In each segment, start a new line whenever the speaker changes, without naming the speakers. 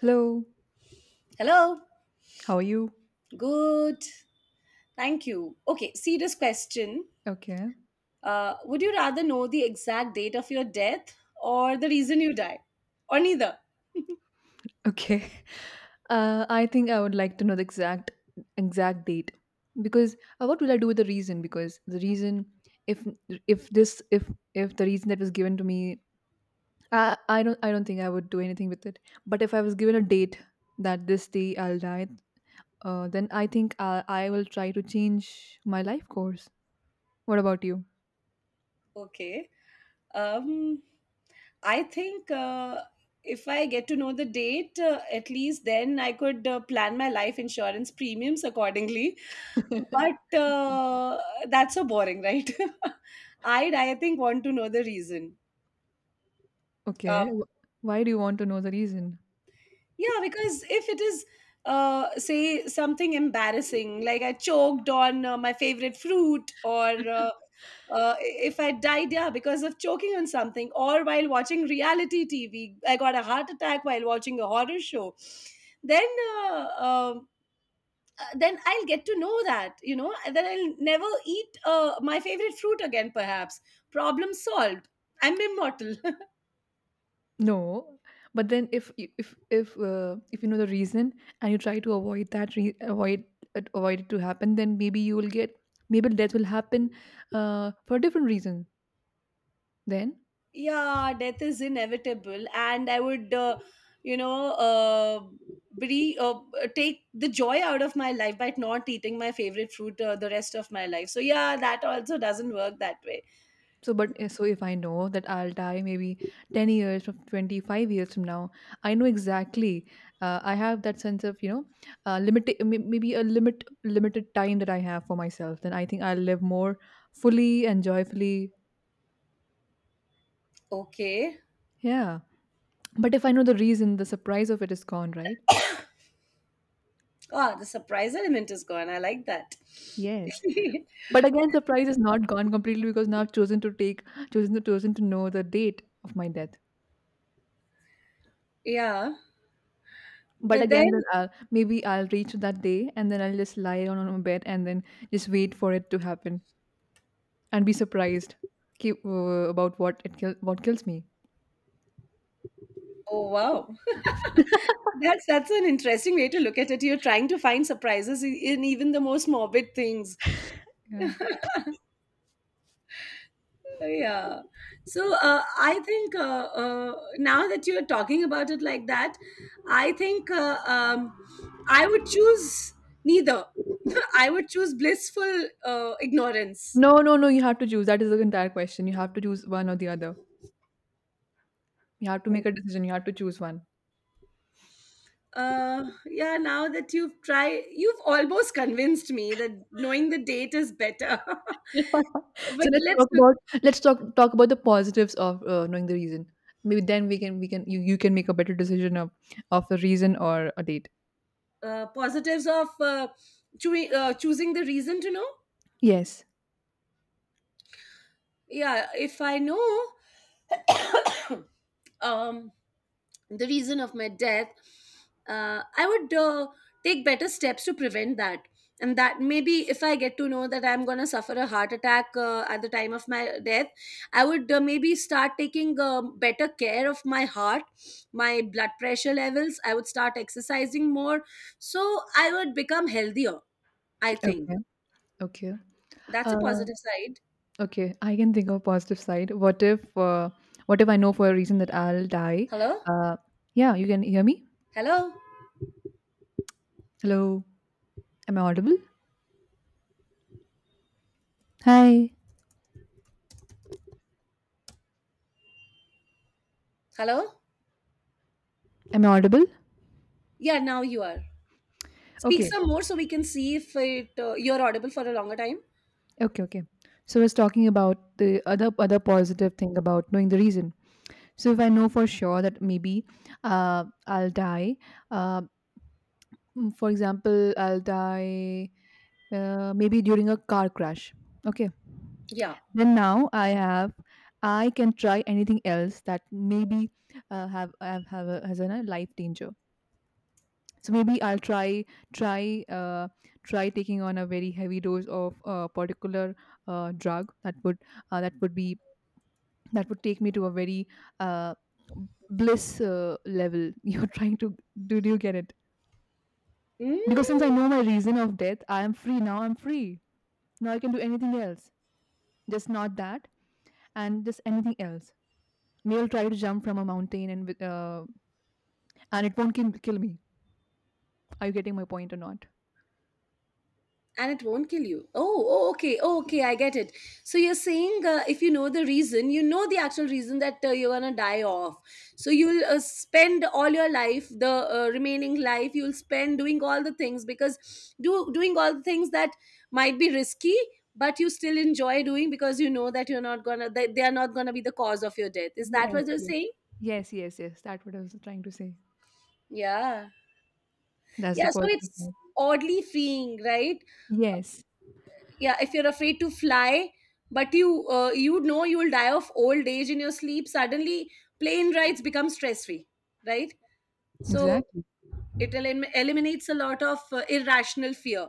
Hello,
Hello.
how are you?
Good. Thank you. Okay, serious question.
Okay,
Would you rather know the exact date of your death or the reason you die? Or neither?
okay. I think I would like to know the exact date because what will I do with the reason? Because the reason, if if this if the reason that was given to me, I don't think I would do anything with it. But if I was given a date that this day I'll die, then I think I will try to change my life course. What about you?
Okay. Um, I think, if I get to know the date, at least then I could plan my life insurance premiums accordingly. But that's so boring, right? Would I think, want to know the reason. Uh,
Okay, why do you want to know the reason?
Yeah, because if it is, say something embarrassing, like I choked on my favorite fruit, or if I died, yeah, because of choking on something, or while watching reality TV, I got a heart attack while watching a horror show. Then, uh, um, then I'll get to know that, and then I'll never eat my favorite fruit again. Perhaps problem solved. I'm immortal.
No, but then if you know the reason and you try to avoid avoid it to happen, then maybe you will get maybe death will happen for a different reason. Then
Yeah, death is inevitable, and I would, you know uh, bre- uh, take the joy out of my life by not eating my favorite fruit the rest of my life. So yeah, that also doesn't work that way.
so but so if I know that I'll die maybe 10 years or 25 years from now, I know exactly. I have that sense of, you know, maybe a limited time that I have for myself. Then I think I'll live more fully and joyfully.
Okay.
Yeah. But if I know the reason, the surprise of it is gone, right?
Oh, the surprise element is gone. I like that.
Yes. But again, surprise is not gone completely because now I've chosen to take, chosen to chosen to know the date of my death.
Yeah,
But
but
again,
then.
then I'll reach that day and then I'll just lie down on my bed and then just wait for it to happen and be surprised keep, uh, about what kills me.
Oh wow, that's an interesting way to look at it. You're trying to find surprises, in even the most morbid things.
Yeah.
Yeah. So I think, now that you're talking about it like that, I think, I would choose neither. I would choose blissful ignorance.
No, no, no. You have to choose. That is the entire question. You have to choose one or the other. You have to make a decision. You have to choose one.
Yeah, now that you've tried, you've almost convinced me that knowing the date is better. But
So let's
let's
talk
look.
about let's talk talk about the positives of knowing the reason. Maybe then you can make a better decision of a reason or a date.
Positives of choosing the reason to know.
Yes.
Yeah, if I know, um the reason of my death, I would take better steps to prevent that. And that, maybe if I get to know that I'm going to suffer a heart attack at the time of my death, I would, maybe start taking better care of my heart, my blood pressure levels. I would start exercising more, so I would become healthier, I think.
Okay. Okay.
That's a
Uh,
positive side.
okay. I can think of a positive side. What if I know for a reason that I'll die?
Hello.
Uh, yeah. You can hear me.
Hello.
Hello. Am I audible? Hi.
Hello.
Am I audible?
Yeah, now you are. Speak
Okay.
some more so we can see if it, you're audible for a longer time.
Okay. Okay. So I was talking about the other positive thing about knowing the reason. So if I know for sure that maybe I'll die, uh, for example, I'll die maybe during a car crash. Okay.
Yeah.
Then now I have I can try anything else that maybe has a life danger. So maybe I'll try try try taking on a very heavy dose of a particular drug that would be that would take me to a very uh, bliss level. You're trying to do you get it?
Mm.
Because since I know my reason of death I am free, now I'm free, now I can do anything else, just not that, and just anything else. Male Try to jump from a mountain and it won't kill me. Are you getting my point or not?
And it won't kill you. Oh, oh, okay, oh, okay, I get it. So you're saying, if you know the reason, you know the actual reason that you're gonna die off. So you'll spend all your life, the remaining life, you'll spend doing all the things, because do doing all the things that might be risky, but you still enjoy doing because you know that you're not gonna, they are not gonna be the cause of your death. Is that
yes
what you're
yes
saying?
yes yes yes that what I was trying to say.
Yeah.
That's the
Yeah. So
positive
it's
side.
oddly freeing, right?
Yes,
Yeah, if you're afraid to fly, but you you know you will die of old age in your sleep suddenly, plane rides become stress free, right? So
exactly.
it eliminates a lot of irrational fear.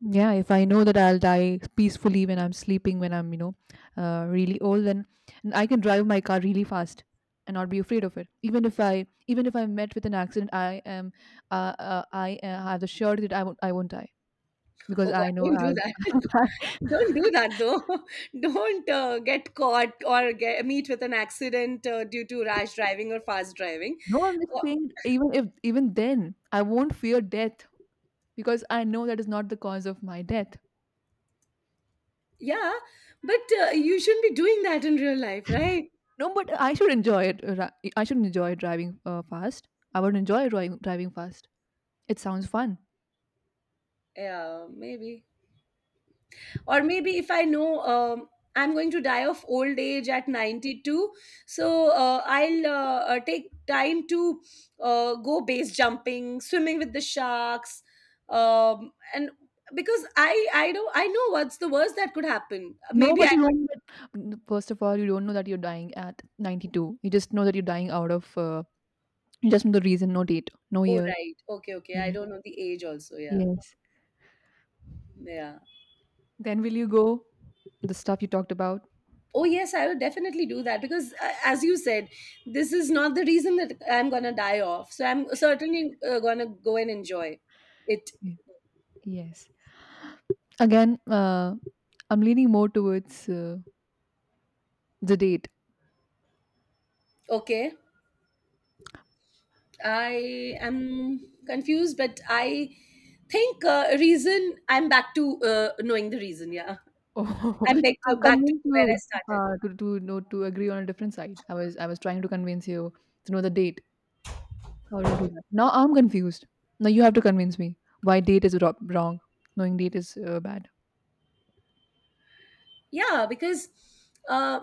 Yeah, if I know that I'll die peacefully when I'm sleeping, when I'm, you know, really old, then I can drive my car really fast and not be afraid of it. Even if I'm met with an accident, I am, I have the surety that I won't die because
Oh
I
god,
know
don't do that.
I'll.
Don't do that though. Don't get caught or get, meet with an accident due to rash driving or fast driving.
No, I'm just
Oh,
saying. Even if, even then, I won't fear death because I know that is not the cause of my death.
yeah, but you shouldn't be doing that in real life, right?
No, but I should enjoy it. I should enjoy driving fast. I would enjoy driving fast. It sounds fun.
Yeah, maybe. Or maybe if I know, um, I'm going to die of old age at 92. So I'll, take time to go base jumping, swimming with the sharks, and because I don't, I know what's the worst that could happen.
No,
Maybe
but
I
you
could.
don't. But first of all, you don't know that you're dying at 92. You just know that you're dying out of. You just know the reason, no date, no
Oh
year.
right. Okay, okay, I
Yes,
don't know the age also, yeah.
yes.
Yeah.
Then will you go? The stuff you talked about.
Oh yes, I would definitely do that, because as you said, this is not the reason that I'm gonna die off, so I'm certainly gonna go and enjoy it.
Ye- Yes. Again, I'm leaning more towards the date.
Okay, I am confused, but I think, reason, I'm back to, knowing the reason. Yeah,
Oh,
I'm back to
I've
back to
convinced
where I
you
started.
to know to agree on a different side. I was trying to convince you to know the date. How did I do that? Now I'm confused. Now you have to convince me why date is wrong. Knowing date is bad.
Yeah, because uh,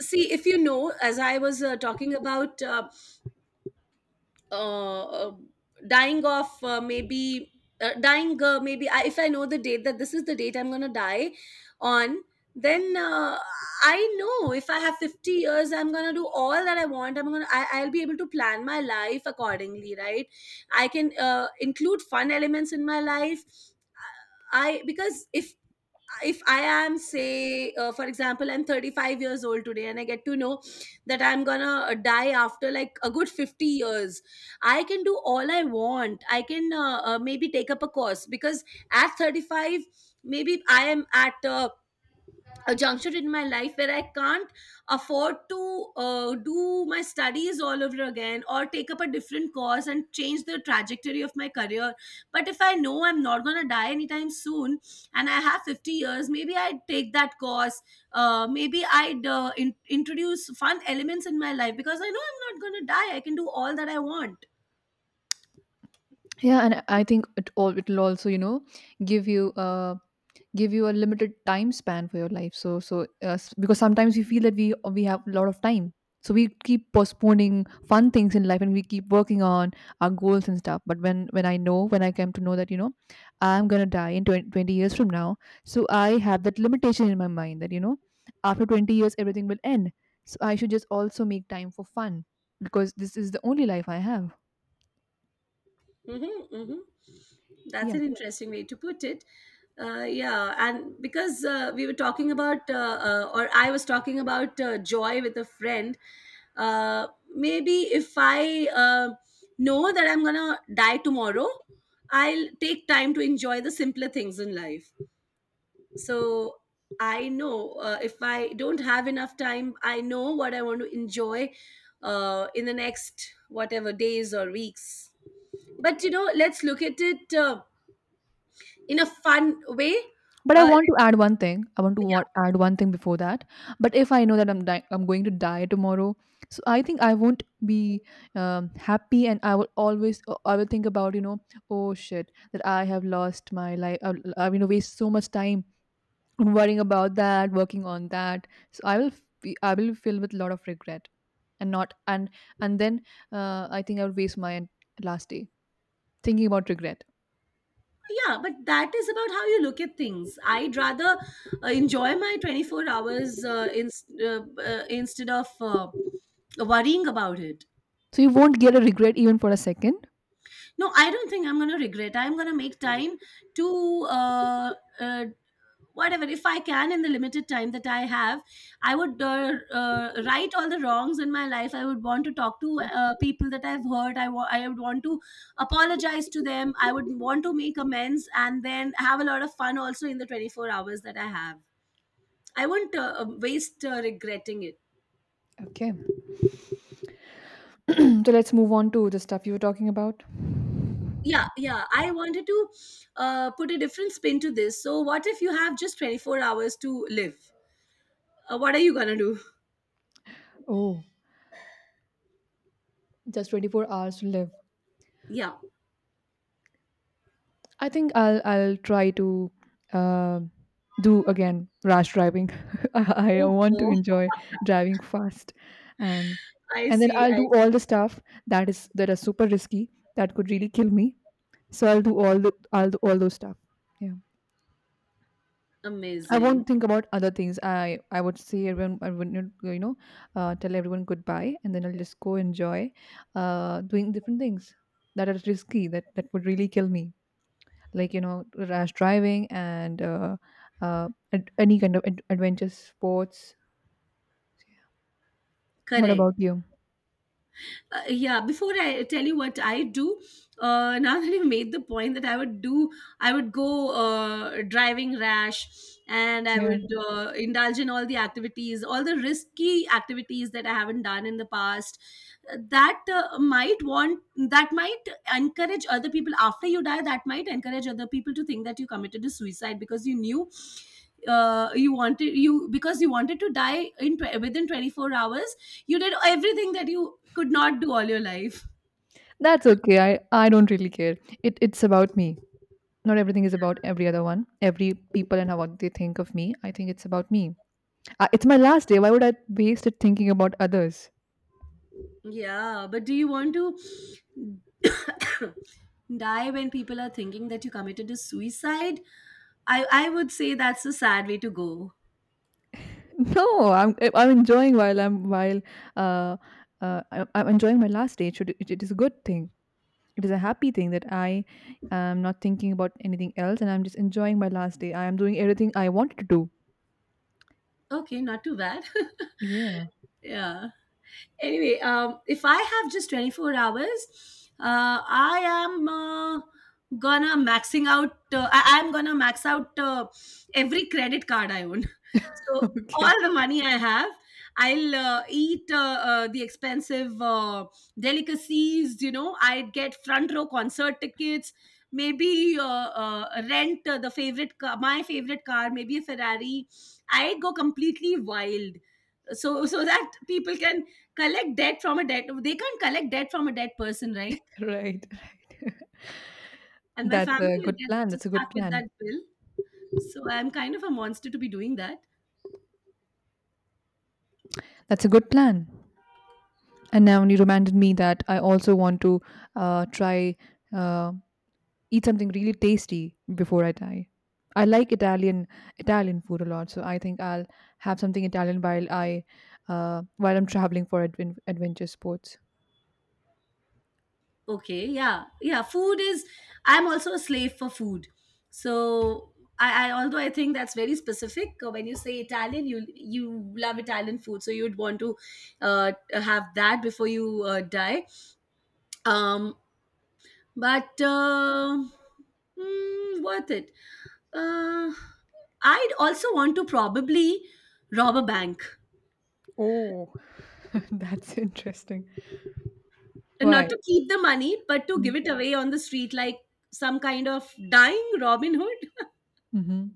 see, if you know, as I was talking about, uh, uh, dying of, maybe dying, maybe, if I know the date that this is the date I'm going to die on, then I know if I have 50 years, I'm going to do all that I want. I'm going to, I'll be able to plan my life accordingly, right? I can include fun elements in my life, I because if I am, say, for example, I'm 35 years old today and I get to know that I'm gonna die after like a good 50 years, I can do all I want. I can maybe take up a course, because at 35, maybe I am at a juncture in my life where I can't afford to do my studies all over again or take up a different course and change the trajectory of my career. But if I know I'm not going to die anytime soon and I have 50 years, maybe I'd take that course. Maybe I'd introduce fun elements in my life because I know I'm not going to die. I can do all that I want.
Yeah, and I think it all it'll also, you know, give you a limited time span for your life. Because sometimes we feel that we have a lot of time, so we keep postponing fun things in life and we keep working on our goals and stuff. But when I came to know that, you know, I'm going to die in 20 20 years from now, so I have that limitation in my mind that, you know, after 20 years everything will end, so I should just also make time for fun because this is the only life I have.
Mm-hmm, mm-hmm. That's an interesting way to put it. Yeah, and because we were talking about, or I was talking about joy with a friend, uh, maybe if I know that I'm gonna die tomorrow, I'll take time to enjoy the simpler things in life. So I know, if I don't have enough time, I know what I want to enjoy in the next whatever days or weeks. But you know, let's look at it in a fun way.
But I
uh,
want to add one thing. I want to wa-
yeah,
add one thing before that. But if I know that I'm going to die tomorrow, so I think I won't be happy, and I will always, I will think about, you know, oh shit, that I have lost my life. I've, you know, waste so much time worrying about that, working on that. So I will feel with a lot of regret, and not, and then I think I would waste my last day thinking about regret.
yeah but that is about how you look at things. I'd rather enjoy my 24 hours, instead of worrying about it.
So you won't get a regret even for a second.
No, I don't think I'm going to regret. I'm going to make time to, uh, whatever if I can. In the limited time that I have, I would, right all the wrongs in my life. I would want to talk to people that I've hurt. I would want to apologize to them. I would want to make amends and then have a lot of fun also in the 24 hours that I have. I wouldn't waste regretting it.
Okay. So let's move on to the stuff you were talking about.
Yeah, yeah, I wanted to put a different spin to this. So what if you have just 24 hours to live? What are you gonna do?
Oh, just 24 hours to live.
Yeah.
I think I'll try to uh, do again rash driving. I
Oh.
want to
Oh.
enjoy driving fast, and
I
and then
see,
I'll
I.
do all the stuff that are super risky that could really kill me. So I'll do all those stuff. Yeah. I
Amazing.
won't think about other things. I would say everyone I wouldn't, you know, tell everyone goodbye and then I'll just go enjoy doing different things that are risky that would really kill me. Like, you know, rash driving and uh, any kind of adventure sports. What
Correct.
about you?
Yeah, before I tell you what I do, now that you made the point that I would do, I would go driving rash, and I
Yeah,
would indulge in all the activities, all the risky activities that I haven't done in the past. That might want, that might encourage other people after you die, that might encourage other people to think that you committed a suicide because you knew you wanted, because you wanted to die in within 24 hours. You did everything that you could not do all your life.
that's okay. I don't really care. It's about me. Not everything is about every other one, every people and how what they think of me. I think it's about me. It's my last day. Why would I waste it thinking about others?
Yeah, but do you want to die when people are thinking that you committed a suicide? I would say that's a sad way to go.
No, I'm enjoying while uh, I'm enjoying my last day. It is a good thing. It is a happy thing that I am not thinking about anything else, and I'm just enjoying my last day. I am doing everything I wanted to do.
Okay, not too bad.
Yeah,
Yeah. Anyway, if I have just 24 hours, I am, gonna maxing out I am gonna max out every credit card I own. So all the money I have, I'll eat the expensive delicacies, you know, I'd get front row concert tickets. Maybe rent the favorite car, my favorite car, maybe a Ferrari. I'd go completely wild, so that people can collect debt from a debt, they can't collect debt from a dead person, right?
right, right.
And my
That's
family
a
will
good
get
plan. That's a
stuck
good
with that
plan.
bill. So I'm kind of a monster to be doing that.
That's a good plan. And now you reminded me that I also want to try. Uh, eat something really tasty before I die. I like Italian food a lot, so I think I'll have something Italian while I while I'm traveling for adventure sports.
Okay, yeah, yeah, food is. I'm also a slave for food. So I although I think that's very specific, when you say Italian, you love Italian food, so you'd want to have that before you die. um but worth it. Uh, I'd also want to probably rob a bank,
Oh, that's interesting.
and not
Why?
to keep the money, but to give it away on the street, like some kind of dying Robin Hood.
Mm-hmm.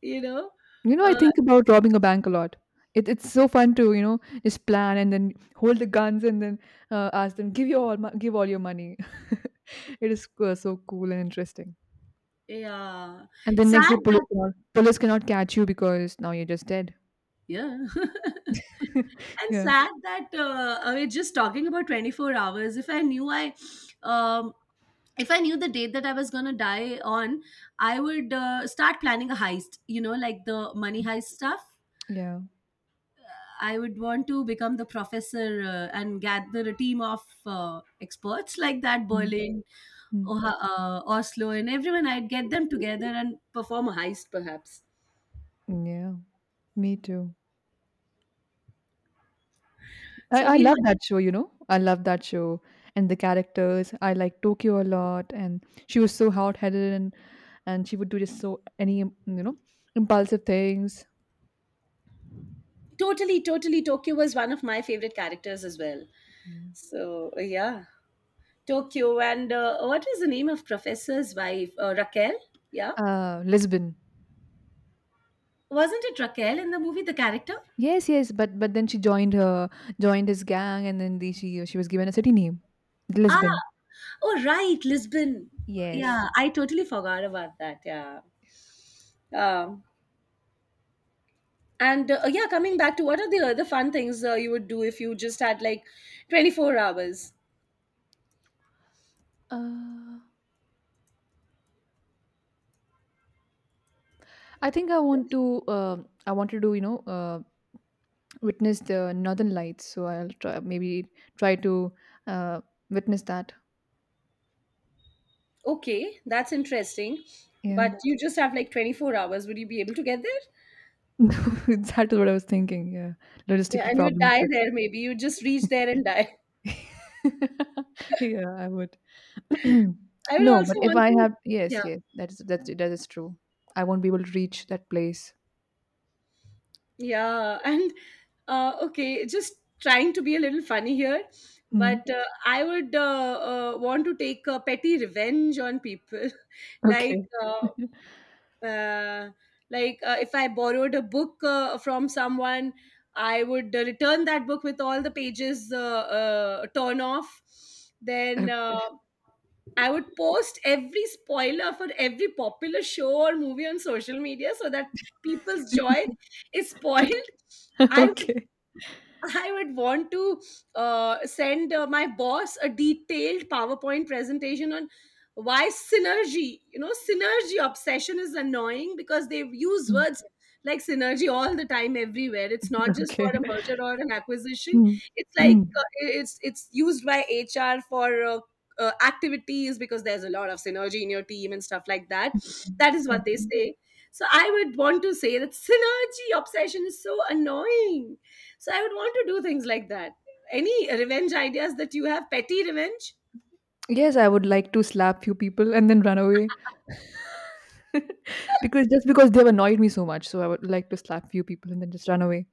You know,
You know, I
uh,
think about robbing a bank a lot. It's so fun to, you know, just plan and then hold the guns and then ask them give you give all your money. It is so cool and interesting.
yeah.
And then next day,
Sad that,
police cannot catch you because now you're just dead.
yeah. And
Yeah,
sad that we're just talking about 24 hours. Um, if I knew the date that I was going to die on, I would start planning a heist, you know, like the money heist stuff.
yeah.
I would want to become the professor, and gather a team of experts like that,
Mm,
Berlin,
mm.
Oslo, and everyone. I'd get them together and perform a heist, perhaps.
Yeah, me too.
So
I
we
love
had
that show, you know. I love that show and the characters. I like Tokyo a lot and she was so hard-headed and she would do just you know, impulsive things.
totally, totally. Tokyo was one of my favorite characters as well.
Yeah.
So, yeah. Tokyo and what was the name of professor's wife? Raquel? Yeah.
Lisbon.
Wasn't it Raquel in the movie, the character?
Yes, yes, but then she joined her joined his gang and then she was given a city name,
Ah,
Lisbon.
oh right, Lisbon.
Yes.
Yeah, I totally forgot about that. Yeah. Um, and yeah, coming back to what are the other fun things you would do if you just had like 24 hours?
Uh, I think I want to. I wanted to, you know, witness the northern lights, so I'll try maybe try to uh, witness that.
Okay, that's interesting.
Yeah.
But you just have like 24 hours. Would you be able to get there?
That is what I was thinking. Yeah,
Yeah,
logistical
and you would
problems,
die
but
there maybe. You just reach there and die.
yeah, I would
I would
no but
also
if
want
I
to,
have
yeah.
yes, yes, that is that is true. I won't be able to reach that place.
Yeah, and okay, just trying to be a little funny here,
Hmm.
but I would want to take petty revenge on people. Like,
Okay.
uh, uh, like if I borrowed a book from someone, I would return that book with all the pages torn off. Then I would post every spoiler for every popular show or movie on social media so that people's joy is spoiled. I would
Okay.
I would want to send my boss a detailed PowerPoint presentation on why synergy, you know, synergy obsession is annoying because they use
Hmm.
words like synergy all the time everywhere. It's not just for
Okay.
a merger or an acquisition.
Hmm.
It's like uh, it's it's used by HR for activities because there's a lot of synergy in your team and stuff like that. That is what they say. So I would want to say that synergy obsession is so annoying, so I would want to do things like that. Any revenge ideas that you have? Petty revenge?
Yes, I would like to slap few people and then run away. Because just because they've annoyed me so much, so I would like to slap few people and then just run away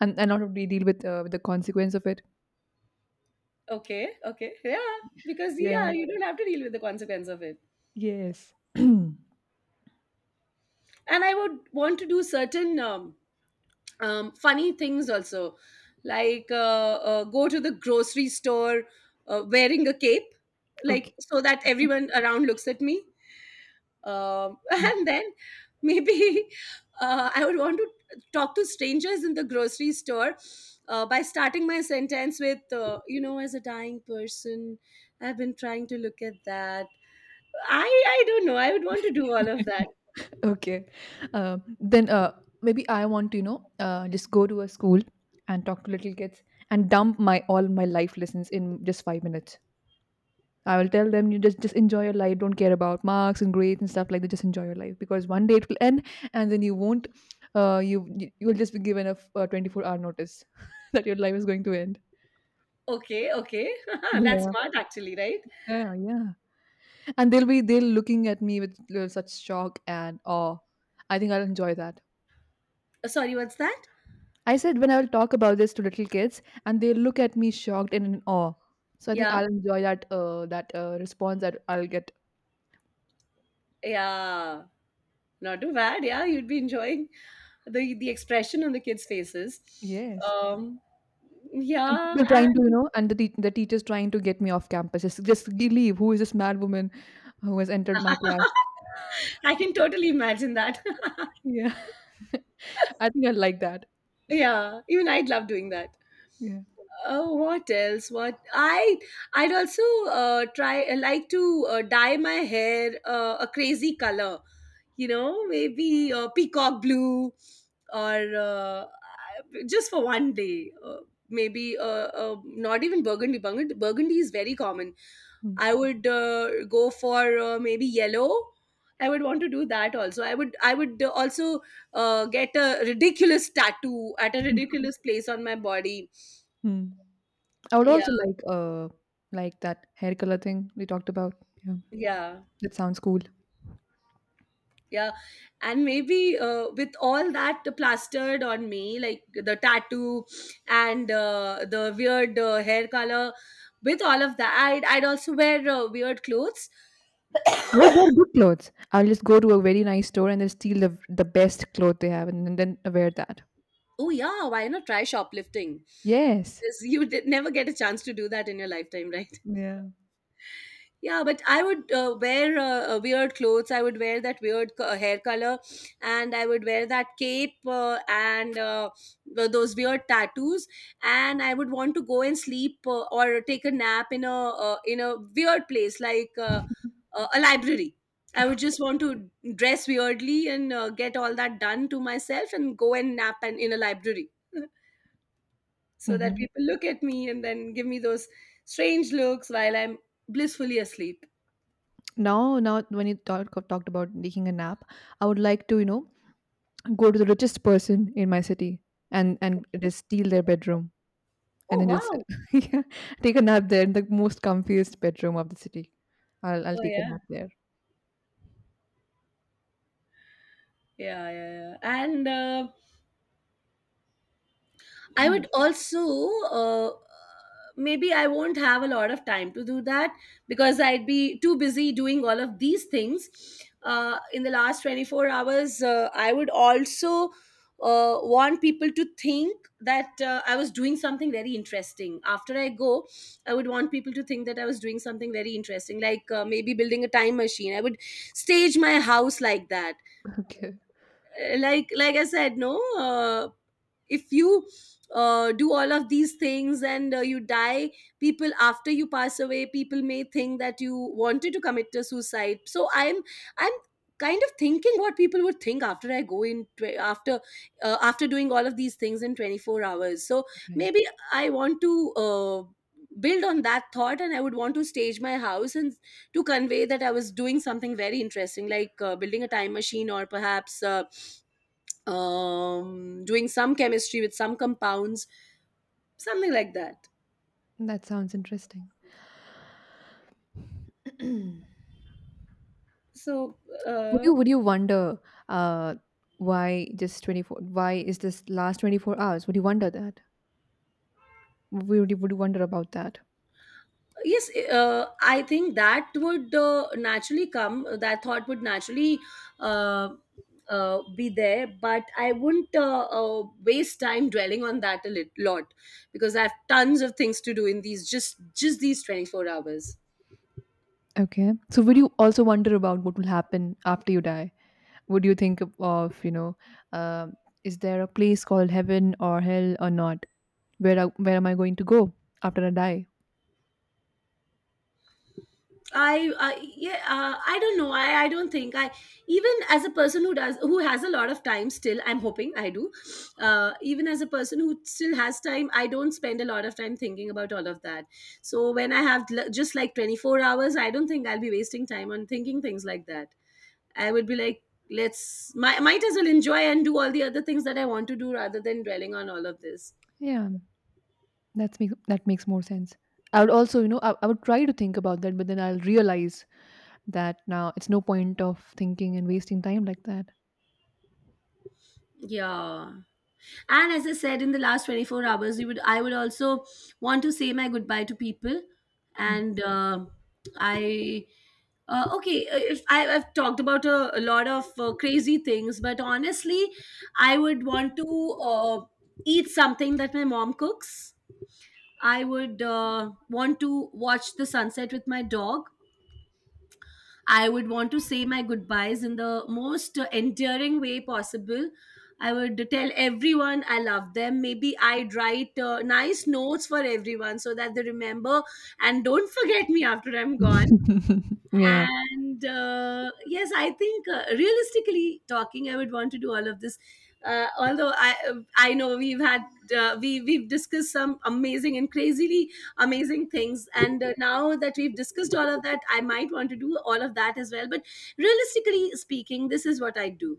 and not really deal with the consequence of it.
Okay, okay, yeah. Because yeah,
Yeah.
you don't have to deal with the consequence of it.
Yes. Okay.
And I would want to do certain funny things also, like go to the grocery store wearing a cape, like so that everyone around looks at me.
Mm.
And then maybe I would want to talk to strangers in the grocery store by starting my sentence with, you know, as a dying person, I've been trying to look at that. I don't know. I would want to do all of that.
Okay. Then maybe I want to just go to a school and talk to little kids and dump my all my life lessons in just 5 minutes. I will tell them you just enjoy your life. Don't care about marks and grades and stuff like that. Just enjoy your life because one day it will end, and then you won't. You will just be given a 24-hour notice that your life is going to end.
Okay, okay, that's
Yeah,
smart actually, right?
yeah, yeah. And they'll be they'll looking at me with such shock and awe. I think I'll enjoy that.
Sorry, what's that?
I said when I will talk about this to little kids, and they look at me shocked and in awe. So I think
Yeah,
I'll enjoy that response that I'll get.
yeah, not too bad. Yeah, you'd be enjoying the expression on the kids' faces.
Yes.
Um,
And
yeah,
people trying to, you
and
know, and the tea the teachers trying to get me off campus. Just g leave. Who is this mad woman who has entered my class?
I can totally imagine that.
Yeah, I think I like that.
Yeah, even I'd love doing that.
Yeah.
Oh, what else? What I I'd also try like to dye my hair a crazy color. You know, maybe peacock blue or just for one day. Maybe Not even burgundy. Burgundy is very common.
Mm.
I would go for maybe yellow. I would want to do that also. I would also get a ridiculous tattoo at a ridiculous place on my body.
Hmm. I would
Yeah,
also like that hair color thing we talked about. Yeah,
yeah.
that sounds cool.
Yeah, and maybe with all that plastered on me like the tattoo and the weird hair color, with all of that I'd also wear weird clothes.
I would wear good clothes. I'll just go to a very nice store and then steal the best cloth they have and then wear that.
Oh yeah, why not try shoplifting?
Yes.
Because you did never get a chance to do that in your lifetime, right?
Yeah.
Yeah, but I would wear weird clothes. I would wear that hair color, and I would wear that cape and those weird tattoos. And I would want to go and sleep or take a nap in a, in a weird place like a library. I would just want to dress weirdly and get all that done to myself and go and nap and in a library, so that
Mhm.
people look at me and then give me those strange looks while I'm blissfully asleep.
Now when you talked about taking a nap, I would like to, you know, go to the richest person in my city and just steal their bedroom and
Oh
then just
wow!
yeah, take a nap there in the most comfiest bedroom of the city. i'll
Oh
i'll take a
yeah,
nap there.
yeah, yeah, yeah. And I would also uh, maybe I won't have a lot of time to do that because I'd be too busy doing all of these things. In the last 24 hours, I would also want people to think that I was doing something very interesting. After I go, I would want people to think that I was doing something very interesting, like maybe building a time machine. I would stage my house like that,
Okay.
like I said. No if you do all of these things and you die, people, after you pass away, people may think that you wanted to commit a suicide, so I'm kind of thinking what people would think after I go in tw- after after doing all of these things in 24 hours. So
Right,
maybe I want to build on that thought, and I would want to stage my house and to convey that I was doing something very interesting, like building a time machine or perhaps doing some chemistry with some compounds, something like that.
that sounds interesting.
So,
would
uh,
you would you wonder uh why is this last 24 hours, would you wonder that? Would you wonder about that?
yes, I think that would naturally come, that thought would naturally uh, be there, but I wouldn't waste time dwelling on that a lot because I have tons of things to do in these just these 24 hours.
Okay, so would you also wonder about what will happen after you die? Would you think of, you know, um is there a place called heaven or hell or not? Where am I going to go after I die?
I yeah, I don't know. I don't think I, even as a person who does, who has a lot of time, still I'm hoping I do, even as a person who still has time I don't spend a lot of time thinking about all of that. So when I have just like 24 hours I don't think I'll be wasting time on thinking things like that. I would be like, let's might as well enjoy and do all the other things that I want to do rather than dwelling on all of this.
Yeah, that makes more sense. I would also, you know, I would try to think about that, but then I'll realize that now it's no point of thinking and wasting time like that.
Yeah. And as I said, in the last 24 hours, we would I would also want to say my goodbye to people.
Mm.
And I, okay, if I've talked about a lot of crazy things, but honestly, I would want to eat something that my mom cooks. I would want to watch the sunset with my dog. I would want to say my goodbyes in the most endearing way possible. I would tell everyone I love them. Maybe I'd write nice notes for everyone so that they remember and don't forget me after I'm gone.
Yeah,
And yes, I think realistically talking, I would want to do all of this. Although I know we've had, uh, we've discussed some amazing and crazily amazing things, and now that we've discussed all of that I might want to do all of that as well, but realistically speaking, this is what I do.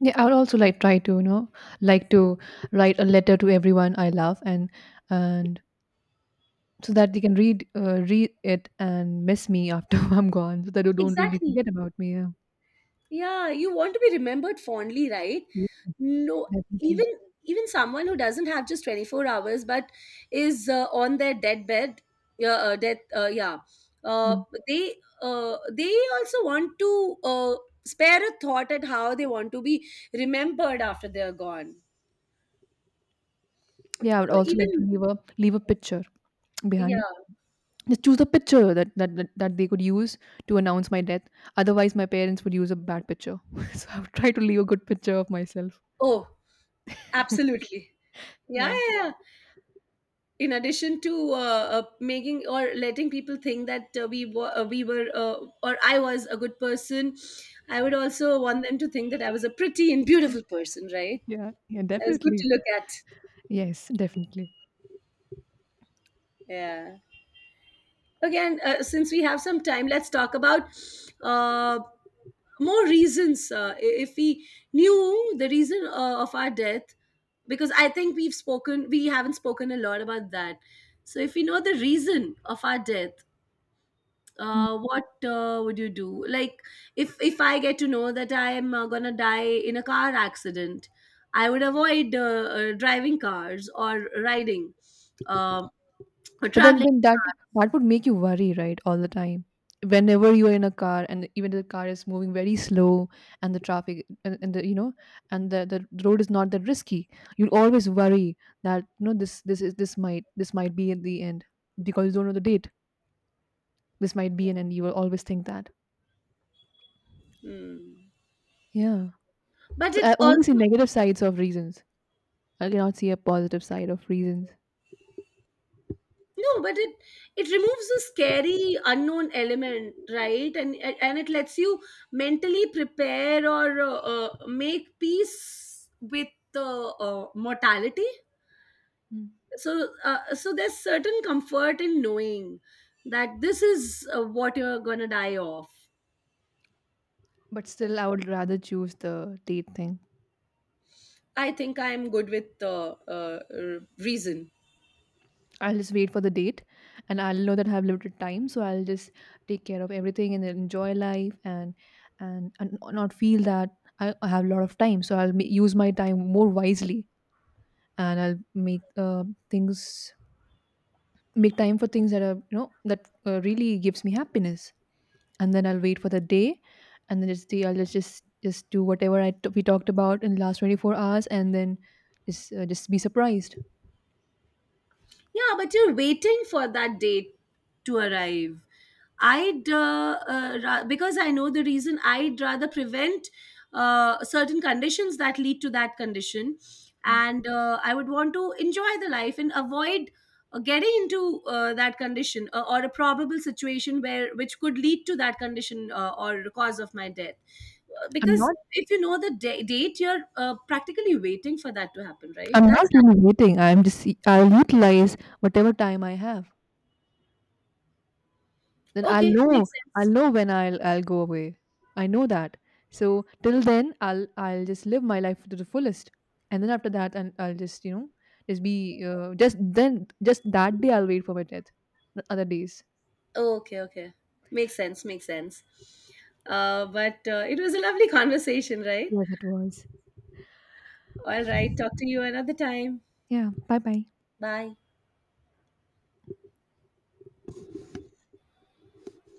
yeah. I would also like try to, you know, like to write a letter to everyone I love and and so that they can read read it and miss me after I'm gone, so that you don't really
Exactly.
forget about me. Yeah,
Yeah, you want to be remembered fondly, right?
yeah,
No, even,
definitely.
even someone who doesn't have just 24 hours but is on their deathbed, yeah, uh,
Mm.
they they also want to spare a thought at how they want to be remembered after they are gone.
Yeah, I would
So
also like to
even
leave a picture behind.
yeah,
Just choose a picture that they could use to announce my death. Otherwise, my parents would use a bad picture. So I would try to leave a good picture of myself.
oh, absolutely, yeah,
Yeah,
yeah, yeah. In addition to making or letting people think that we were or I was a good person, I would also want them to think that I was a pretty and beautiful person, right?
yeah, yeah,
I was good to
definitely.
look at.
Yes, definitely.
Yeah. Again, since we have some time, let's talk about uh, more reasons. If we knew the reason of our death, because I think we've spoken, we haven't spoken a lot about that. So if we know the reason of our death,
Hmm.
what would you do? Like, if I get to know that I am gonna die in a car accident, I would avoid driving cars or riding um or
But then,
traveling.
then that that would make you worry, right, all the time. Whenever you are in a car, and even the car is moving very slow, and the traffic, and the, you know, and the road is not that risky, you'll always worry that, you know, this might be at the end because you don't know the date. This might be an end. You will always think that.
Hmm.
Yeah.
But
So
it
I only
also
see negative sides of reasons. I cannot see a positive side of reasons.
no, but it removes a scary unknown element, right? And it lets you mentally prepare or make peace with the mortality.
Mm.
So so there's certain comfort in knowing that this is what you're gonna die of.
But still, I would rather choose the date thing.
I think I'm good with reason.
I'll just wait for the date and I'll know that I have limited time. So I'll just take care of everything and then enjoy life and and not feel that I have a lot of time. So I'll use my time more wisely and I'll make things make time for things that are, you know, that really gives me happiness. And then I'll wait for the day and then just the I'll just do whatever we talked about in the last 24 hours and then just be surprised.
Yeah, but you're waiting for that date to arrive. I'd because I know the reason. I'd rather prevent certain conditions that lead to that condition,
Mm.
and I would want to enjoy the life and avoid getting into that condition or a probable situation where which could lead to that condition or the cause of my death.
I'm
Because
not
if you know the date, you're practically waiting for that to happen, right?
I'm not
That's
really waiting, I'm just, I'll utilize whatever time I have. Then I'll
okay.
know,
Makes
I'll
sense.
know when I'll go away. I know that. So till then, I'll just live my life to the fullest, and then after that, and I'll just, you know, just be just that day I'll wait for my death. The other days.
Oh, okay, okay. Makes sense, makes sense. But it was a lovely conversation, right?
Yes, it was.
All right, talk to you another time.
Yeah. Bye bye.
Bye.